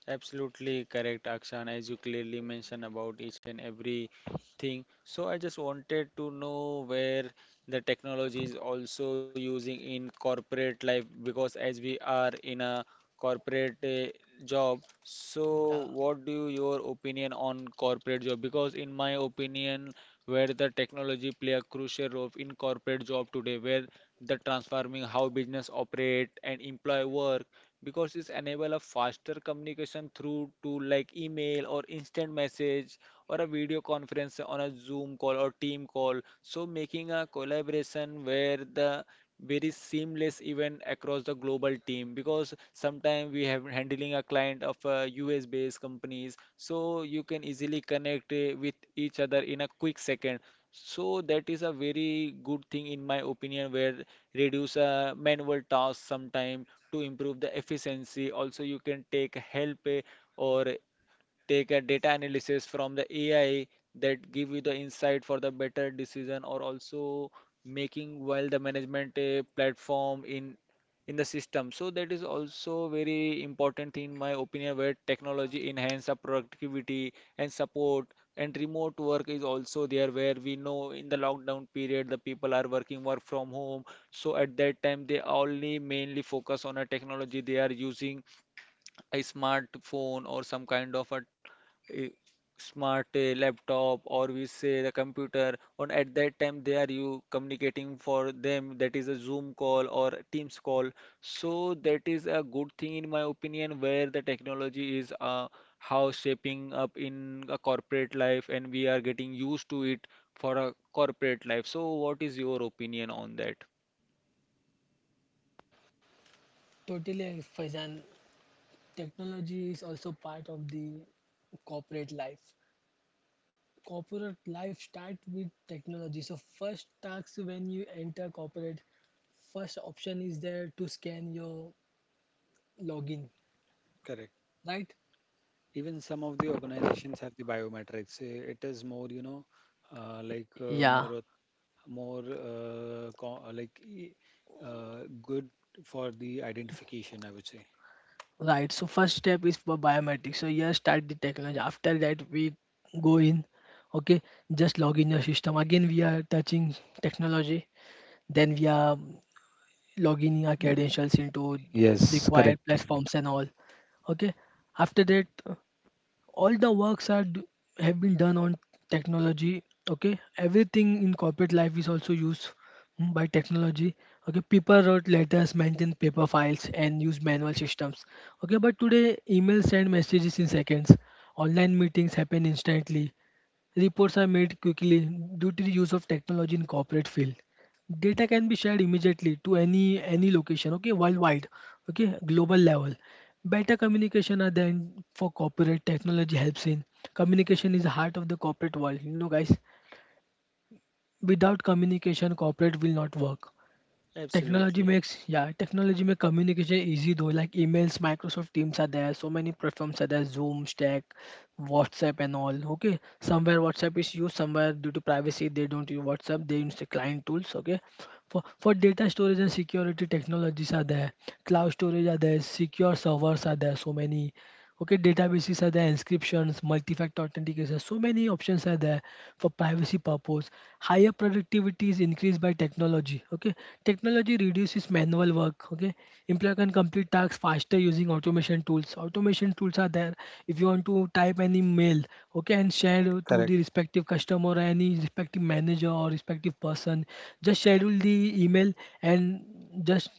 Absolutely correct, Akshan, as you clearly mentioned about each and every thing. So I just wanted to know where the technology is also using in corporate life, because as we are in a corporate job, so
Yeah,
what do you, your opinion on corporate job? Because in my opinion, where the technology play a crucial role in corporate job today, where the transforming how business operate and employ work, because it's enable a faster communication through to like email or instant message or a video conference on a Zoom call or team call. So making a collaboration where the very seamless event across the global team, because sometimes we have handling a client of US based companies, so you can easily connect with each other in a quick second. So that is a very good thing in my opinion, where reduce manual tasks sometime to improve the efficiency. Also you can take help or take a data analysis from the AI that give you the insight for the better decision, or also making while the management a platform in the system. So that is also very important in my opinion, where technology enhance our productivity and support, and remote work is also there, where we know in the lockdown period the people are working work from home. So at that time they only mainly focus on a technology. They are using a smartphone or some kind of a smart laptop or we say the computer. On at that time they are you communicating for them, that is a Zoom call or a Teams call. So that is a good thing in my opinion, where the technology is how shaping up in a corporate life, and we are getting used to it for a corporate life. So what is your opinion on that?
totally, Faizan. Technology is also part of the corporate life. Corporate life starts with technology. So first task when you enter corporate, first option is there to scan your login,
Correct.
right?
Even some of the organizations have the biometrics. It is more you know like
Yeah,
more o- more co- like uh, good for the identification, I would say.
right. So first step is for biometrics. So here start the technology. After that we go in. Okay, just log in your system. Again we are touching technology. Then we are logging our
Y-
credentials into
Yes,
required
correct.
platforms and all. Okay. After that, all the works are have been done on technology. Okay. Everything in corporate life is also used, mm, by technology. Okay. People wrote letters, maintained paper files, and used manual systems. Okay. But today, emails send messages in seconds. Online meetings happen instantly. Reports are made quickly due to the use of technology in corporate field. Data can be shared immediately to any location, okay, worldwide, okay, global level. Better communication are then for corporate technology helps in. Communication is the heart of the corporate world. You know, guys, without communication, corporate will not work. Technology
Absolutely.
makes, yeah, technology make communication easy though. Like emails, Microsoft Teams are there. So many platforms are there. Zoom, Slack, WhatsApp, and all. Okay, somewhere WhatsApp is used. Somewhere due to privacy, they don't use WhatsApp. They use the client tools. Okay, for data storage and security technologies are there, cloud storage are there, secure servers are there, so many. Okay, databases are there, inscriptions, multi-factor authentication, so many options are there for privacy purpose. Higher productivity is increased by technology. Okay, technology reduces manual work. Okay, employer can complete tasks faster using automation tools. Automation tools are there. If you want to type any mail, okay, and share to
Correct.
the respective customer or any respective manager or respective person, just schedule the email and just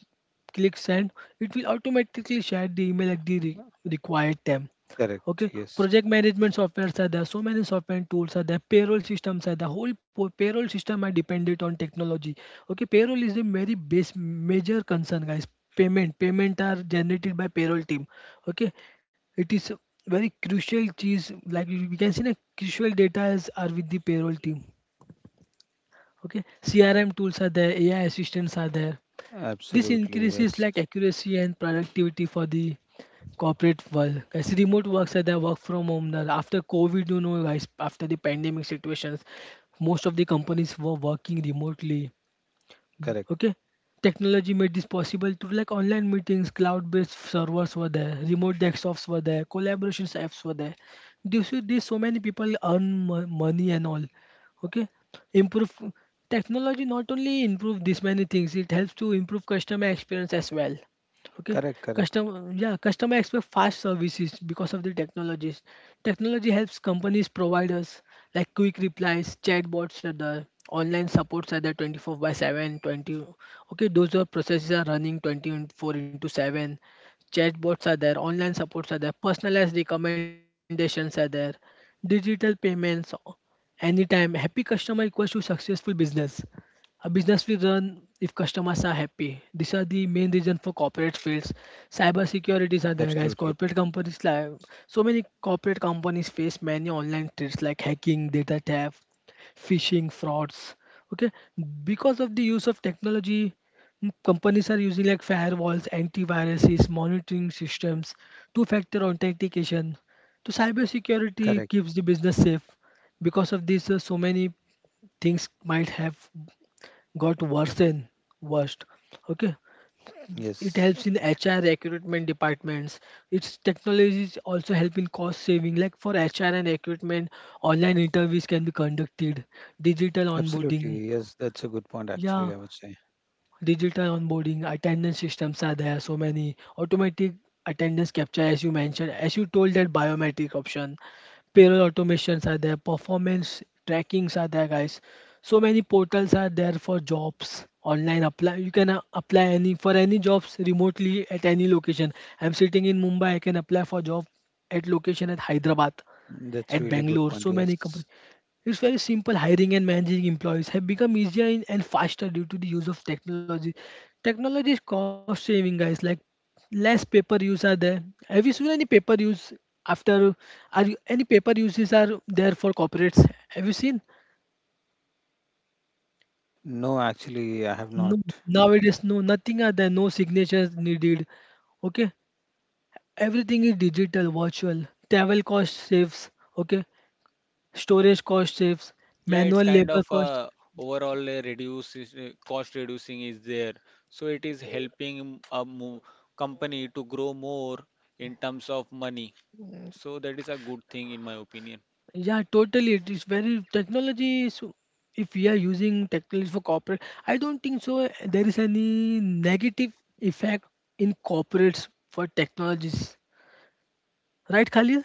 click send. It will automatically share the email at the required time.
Correct.
Okay,
Yes.
project management softwares are there, so many software and tools are there, payroll systems are there, whole payroll system are dependent on technology. Okay, payroll is the very base major concern, guys. Payment, payment are generated by payroll team. Okay, it is very crucial cheese, like we can see na crucial data is are with the payroll team. Okay, CRM tools are there, AI assistants are there. This
Absolutely.
increases
Yes.
like accuracy and productivity for the corporate world. As remote works are the work from home now. After COVID, you know, guys, after the pandemic situations, most of the companies were working remotely,
Correct.
okay. Technology made this possible through like online meetings, cloud-based servers were there, remote desktops were there, collaborations apps were there. You see this, so many people earn money and all, okay. improve Technology not only improve this many things, it helps to improve customer experience as well. Okay,
Correct. Correct.
customer, yeah, customer expect fast services because of the technologies. Technology helps companies providers like quick replies, chatbots are there, online supports are there 24 by 7, 20. Okay, those are processes are running 24 into 7. Chatbots are there, online supports are there, personalized recommendations are there, digital payments anytime. Happy customer equals to successful business. A business will run if customers are happy. These are the main reason for corporate fields. Cyber securities are there, guys.
Absolutely.
Corporate companies like so many corporate companies face many online threats like hacking, data theft, phishing, frauds. Okay, because of the use of technology, companies are using like firewalls, antiviruses, monitoring systems, two-factor authentication. So cyber security
Correct.
keeps the business safe. Because of this, so many things might have got worse and worst. Okay, it
Yes.
helps in HR recruitment departments. Its technologies also help in cost saving. Like for HR and recruitment, online interviews can be conducted, digital onboarding.
Absolutely. Yes. That's a good point, actually,
Yeah,
I would say.
digital onboarding, attendance systems are there, so many automatic attendance capture, as you mentioned, as you told that biometric option, payroll automations are there, performance trackings are there, guys. So many portals are there for jobs, online apply. You can apply any for any jobs remotely at any location. I'm sitting in Mumbai, I can apply for job at location at Hyderabad,
That's
at
really good
Bangalore,
point.
so many
Yes.
companies. It's very simple. Hiring and managing employees have become easier and faster due to the use of technology. Technology is cost saving, guys. Like less paper use are there. Have you seen any paper use after? Are you, any paper uses are there for corporates? Have you seen?
No, actually, I have not.
No, nowadays no nothing are there. No signatures needed. Okay, everything is digital, virtual. Travel cost saves. Okay, storage cost saves.
Yeah, it's
Manual
kind of
labor cost.
a overall reduce is, cost reducing is there. So it is helping a mo company to grow more in terms of money. So that is a good thing in my opinion.
Yeah, totally. It is very, technology is, if we are using technology for corporate, I don't think so. There is any negative effect in corporates for technologies, right, Khalid?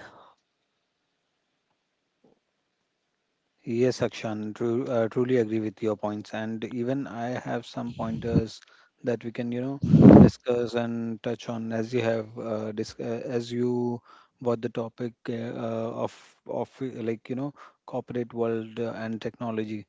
Yes, Akshan, truly agree with your points, and even I have some pointers that we can, you know, discuss and touch on, as you have as you brought the topic of like you know corporate world and technology.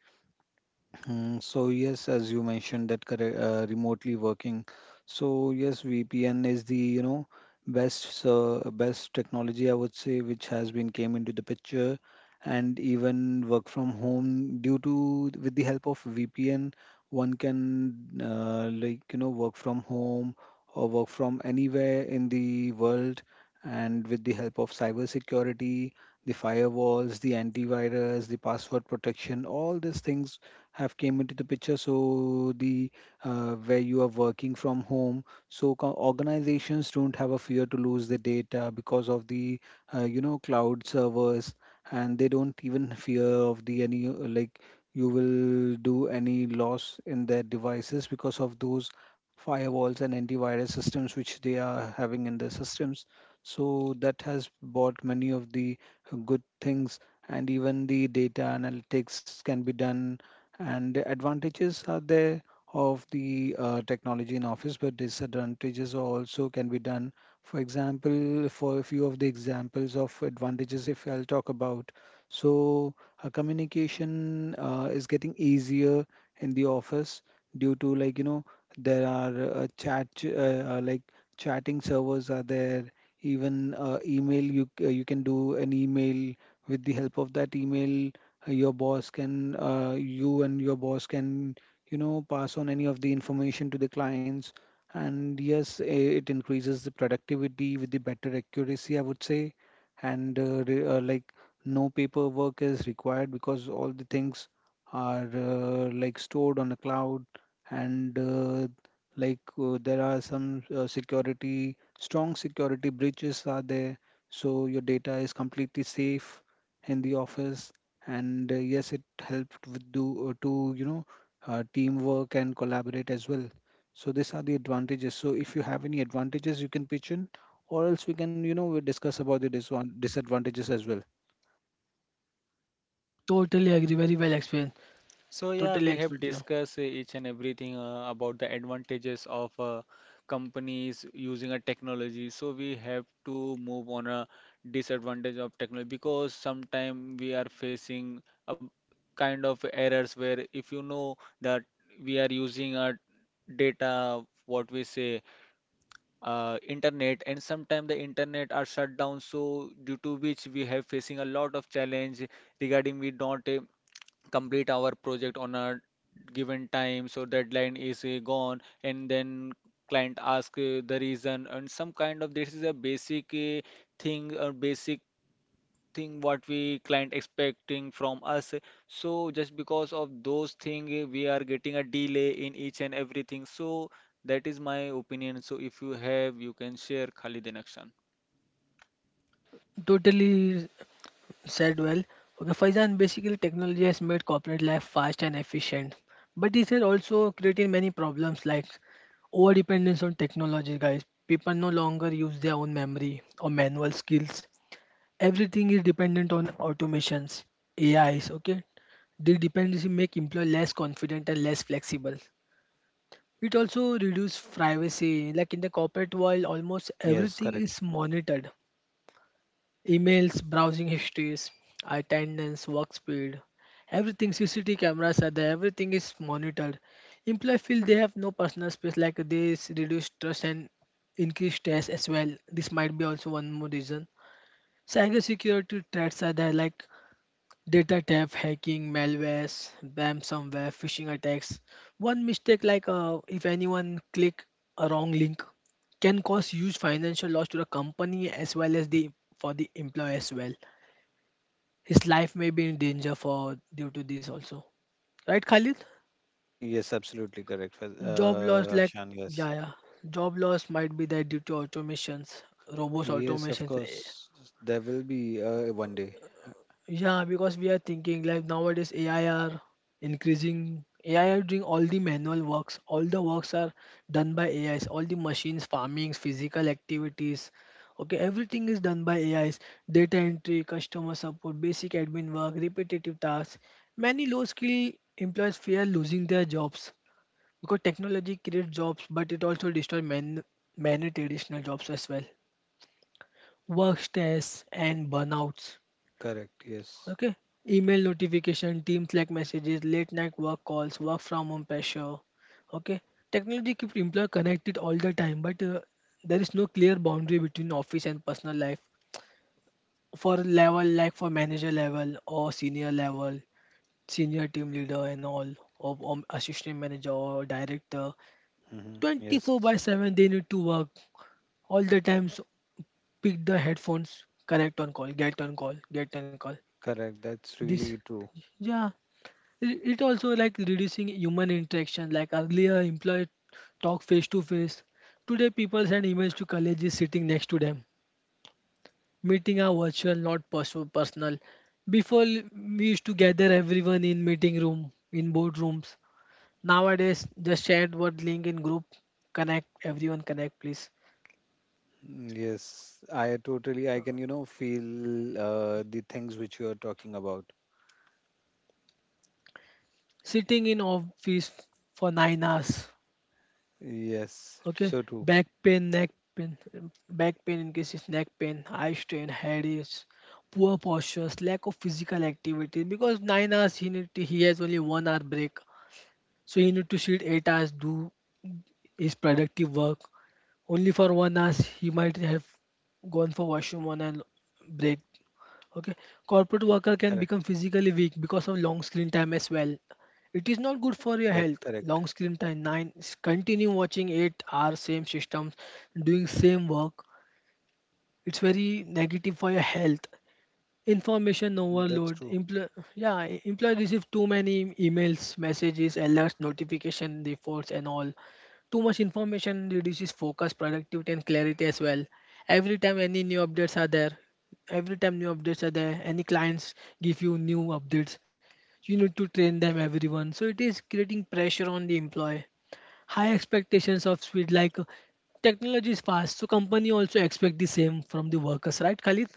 Mm, so yes, as you mentioned that correct, remotely working. So yes, VPN is the you know best technology I would say which has been came into the picture, and even work from home due to with the help of VPN, one can like you know work from home or work from anywhere in the world, and with the help of cybersecurity, the firewalls, the antivirus, the password protection, all these things have came into the picture. So the where you are working from home, so organizations don't have a fear to lose the data because of the you know cloud servers, and they don't even fear of the any like you will do any loss in their devices because of those firewalls and antivirus systems which they are having in their systems. So that has brought many of the good things, and even the data analytics can be done, and the advantages are there of the technology in office, but disadvantages are also can be done. For example, for a few of the examples of advantages, if I'll talk about, so communication is getting easier in the office due to like you know there are chat like chatting servers are there. Even email you you can do an email. With the help of that email, your boss can you and your boss can you know pass on any of the information to the clients. And yes, it increases the productivity with the better accuracy I would say. And like no paperwork is required because all the things are like stored on a cloud, and there are some security, strong security breaches are there, so your data is completely safe in the office. And yes, it helped with do to you know teamwork and collaborate as well. So these are the advantages. So if you have any advantages, you can pitch in, or else we can you know we discuss about the disadvantages as well.
Totally agree. Very well explained.
So yeah, we
Totally
have
explained. Yeah.
discussed each and everything about the advantages of companies using a technology. So we have to move on a disadvantage of technology, because sometimes we are facing a kind of errors where if you know that we are using a data, what we say, internet, and sometimes the internet are shut down. So due to which we have facing a lot of challenge regarding we don't complete our project on a given time, so deadline is gone, and then client ask the reason, and some kind of, this is a basic thing or basic thing what we client expecting from us. So just because of those thing we are getting a delay in each and everything. So that is my opinion. So if you have you can share Khalid in action.
Totally said well. Okay, Faizan, basically technology has made corporate life fast and efficient, but it has also created many problems like over dependence on technology, guys. People no longer use their own memory or manual skills, everything is dependent on automations, AIs, okay? The dependency make employee less confident and less flexible. It also reduce privacy. Like in the corporate world, almost
Yes,
everything
correct.
is monitored. Emails, browsing histories, attendance, work speed, everything, CCTV cameras are there, everything is monitored. Employee feel they have no personal space like this, reduce trust and increase stress as well. This might be also one more reason. Cybersecurity threats are there like data theft, hacking, malwares, BAM somewhere, phishing attacks. One mistake, like, if anyone click a wrong link, can cause huge financial loss to the company as well as the for the employee as well. His life may be in danger for due to this also. Right, Khalid?
Yes, absolutely correct,
Job loss, like,
Akshan. Yes,
yeah, yeah. Job loss might be that due to automations, robots,
yes, of
automations.
course. There will be one day.
Yeah, because we are thinking like nowadays AI are increasing. AI are doing all the manual works. All the works are done by AIs. All the machines, farmings, physical activities. Okay, everything is done by AIs. Data entry, customer support, basic admin work, repetitive tasks. Many low-skill employees fear losing their jobs because technology creates jobs, but it also destroys man, many traditional jobs as well. Work stress and burnouts.
Correct. Yes.
Okay. Email notification, Teams like messages, late night work calls, work from home pressure. Okay. Technology keeps employer connected all the time, but there is no clear boundary between office and personal life. For level, like for manager level or senior level, senior team leader and all, or assistant manager or director,
Hmm.
24 by
Yes.
7 they need to work all the time. So pick the headphones, connect on call, get on call, get on call.
Correct. That's
This,
really true.
yeah, it also like reducing human interaction. Like earlier, employee talk face to face. Today, people send emails to colleagues sitting next to them. Meeting are virtual, not personal. Before, we used to gather everyone in meeting room, in board rooms. Nowadays, just share what link in group. Connect, everyone connect, please.
Mm, yes, I totally. I can, you know, feel the things which you are talking about.
Sitting in office for 9 hours. Okay,
Yes, so
back
true.
pain, neck pain, back pain increases, neck pain, eye strain, headaches, poor postures, lack of physical activity. Because 9 hours he need to, he has only one hour break, so he need to sit 8 hours do his productive work. Only for one hour he might have gone for washroom one and break. Okay, corporate worker can
Correct.
become physically weak because of long screen time as well. It is not good for
That's
your health.
correct.
Long screen time, nine, continue watching 8 hours, same systems, doing same work. It's very negative for your health. Information
That's true.
overload. Yeah, employee receive too many emails, messages, alerts, notification, reports, and all. Too much information reduces focus, productivity, and clarity as well. Every time any new updates are there, every time new updates are there, any clients give you new updates, you need to train them everyone. So it is creating pressure on the employee. High expectations of speed, like, technology is fast, so company also expect the same from the workers, right, Khalid?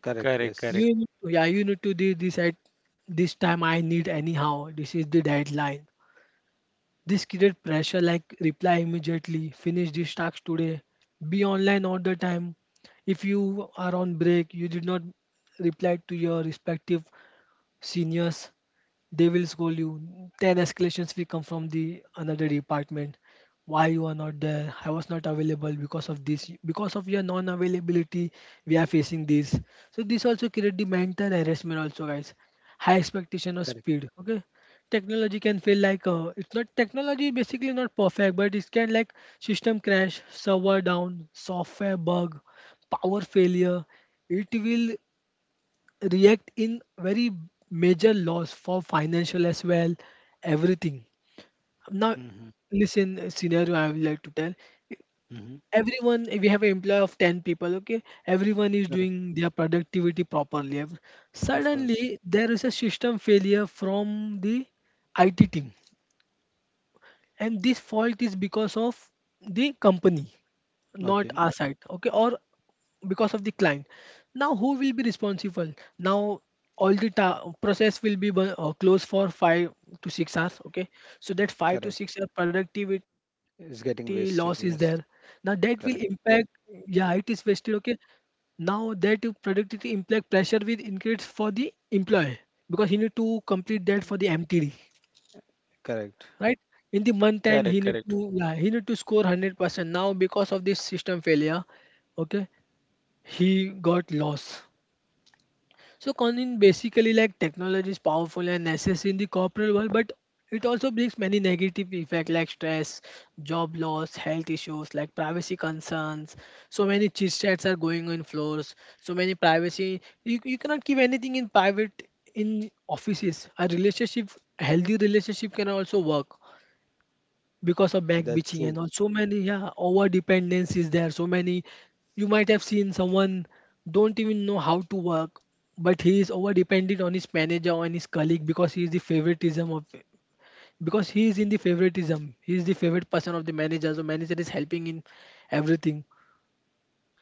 Correct.
Correct,
Yes.
correct,
You need to, yeah, you need to do this at this time I need anyhow. This is the deadline. This create pressure like reply immediately, finish this task today, be online all the time. If you are on break, you did not reply to your respective seniors, they will scold you. 10 escalations will come from the another department. Why you are not there? I was not available because of this. Because of your non-availability, we are facing this. So this also create the mental harassment also, guys. High expectation of
Correct.
speed. Okay. Technology can feel like, it's not, technology basically not perfect, but it can like system crash, server down, software bug, power failure. It will react in very major loss for financial as well, everything now.
Hmm.
Listen a scenario I would like to tell
Hmm.
everyone. We have an employee of 10 people, okay, everyone is
Correct.
doing their productivity properly.
Of course.
Suddenly there is a system failure from the IT team, and this fault is because of the company, not
Okay.
our side, okay, or because of the client. Now who will be responsible? Now all the process will be closed for 5 to 6 hours, okay. So that 5 to
Correct.
6 hour productivity loss
It's
is there.
getting wasted.
Now
Yes.
that will impact,
Correct.
yeah, it is wasted, okay. Now that productivity impact pressure will increase for the employee because he need to complete that for the MTD.
Correct.
Right? In the month end, he
correct,
need
correct.
to, yeah, he need to score 100%. Now, because of this system failure, okay, he got loss. So, Conin basically like technology is powerful and necessary in the corporate world, but it also brings many negative effects like stress, job loss, health issues, like privacy concerns. So many chit chats are going on floors. So many privacy. You cannot keep anything in private in offices. A relationship, healthy relationship can also work because of back
That's
bitching
true.
and all, so many. Yeah, over dependence is there, so many, you might have seen someone don't even know how to work, but he is over dependent on his manager or on his colleague because he is the favoritism of, because he is in the favoritism, he is the favorite person of the manager, so manager is helping in everything.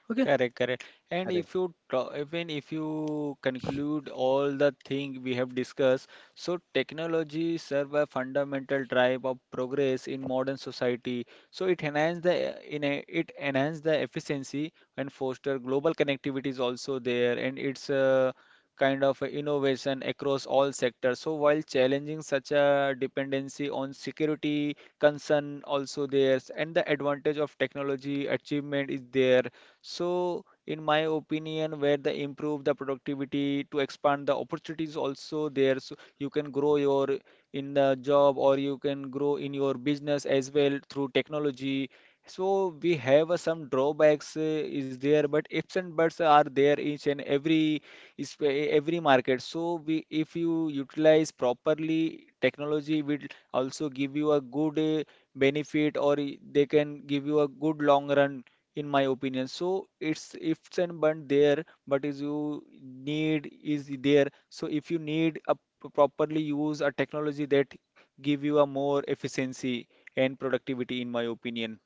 Okay,
Correct, correct. And
Correct.
if you even if you conclude all the thing we have discussed, so technology serve a fundamental drive of progress in modern society. So it enhance the it enhance the efficiency and foster global connectivity is also there, and it's a kind of a innovation across all sectors. So while challenging such a dependency on security concern also there, and the advantage of technology achievement is there. So in my opinion, where they improve the productivity to expand the opportunities also there. So you can grow your in the job or you can grow in your business as well through technology. So we have some drawbacks is there, but ifs and buts are there each and every is every market. So we if you utilize properly, technology will also give you a good benefit, or they can give you a good long run in my opinion. So it's ifs and but there, but is you need is there. So if you need a properly use a technology, that give you a more efficiency and productivity, in my opinion,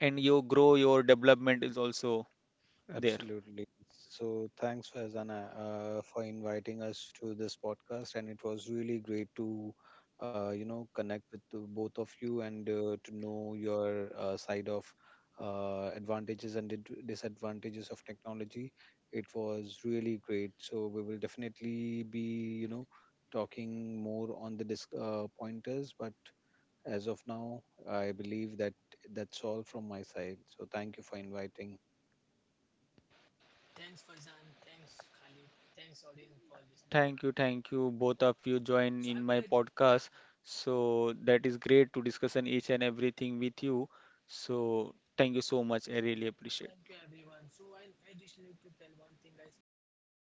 and you grow your development is also there.
Absolutely. So thanks, Fazana, for inviting us to this podcast, and it was really great to, you know, connect with the both of you and to know your side of advantages and disadvantages of technology. It was really great. So we will definitely be, you know, talking more on the disc pointers, but as of now, I believe that that's all from my side. So thank you for inviting
thanks Faizan, thanks Khalid, thanks audience for listening.
Thank you, both
Well,
of you join
so I
in
will
my
let, yeah.
podcast. So that is great to discuss on each and everything with you. So thank you so much. I really appreciate.
Thank you, everyone. So I just need to tell one thing, guys. So that's a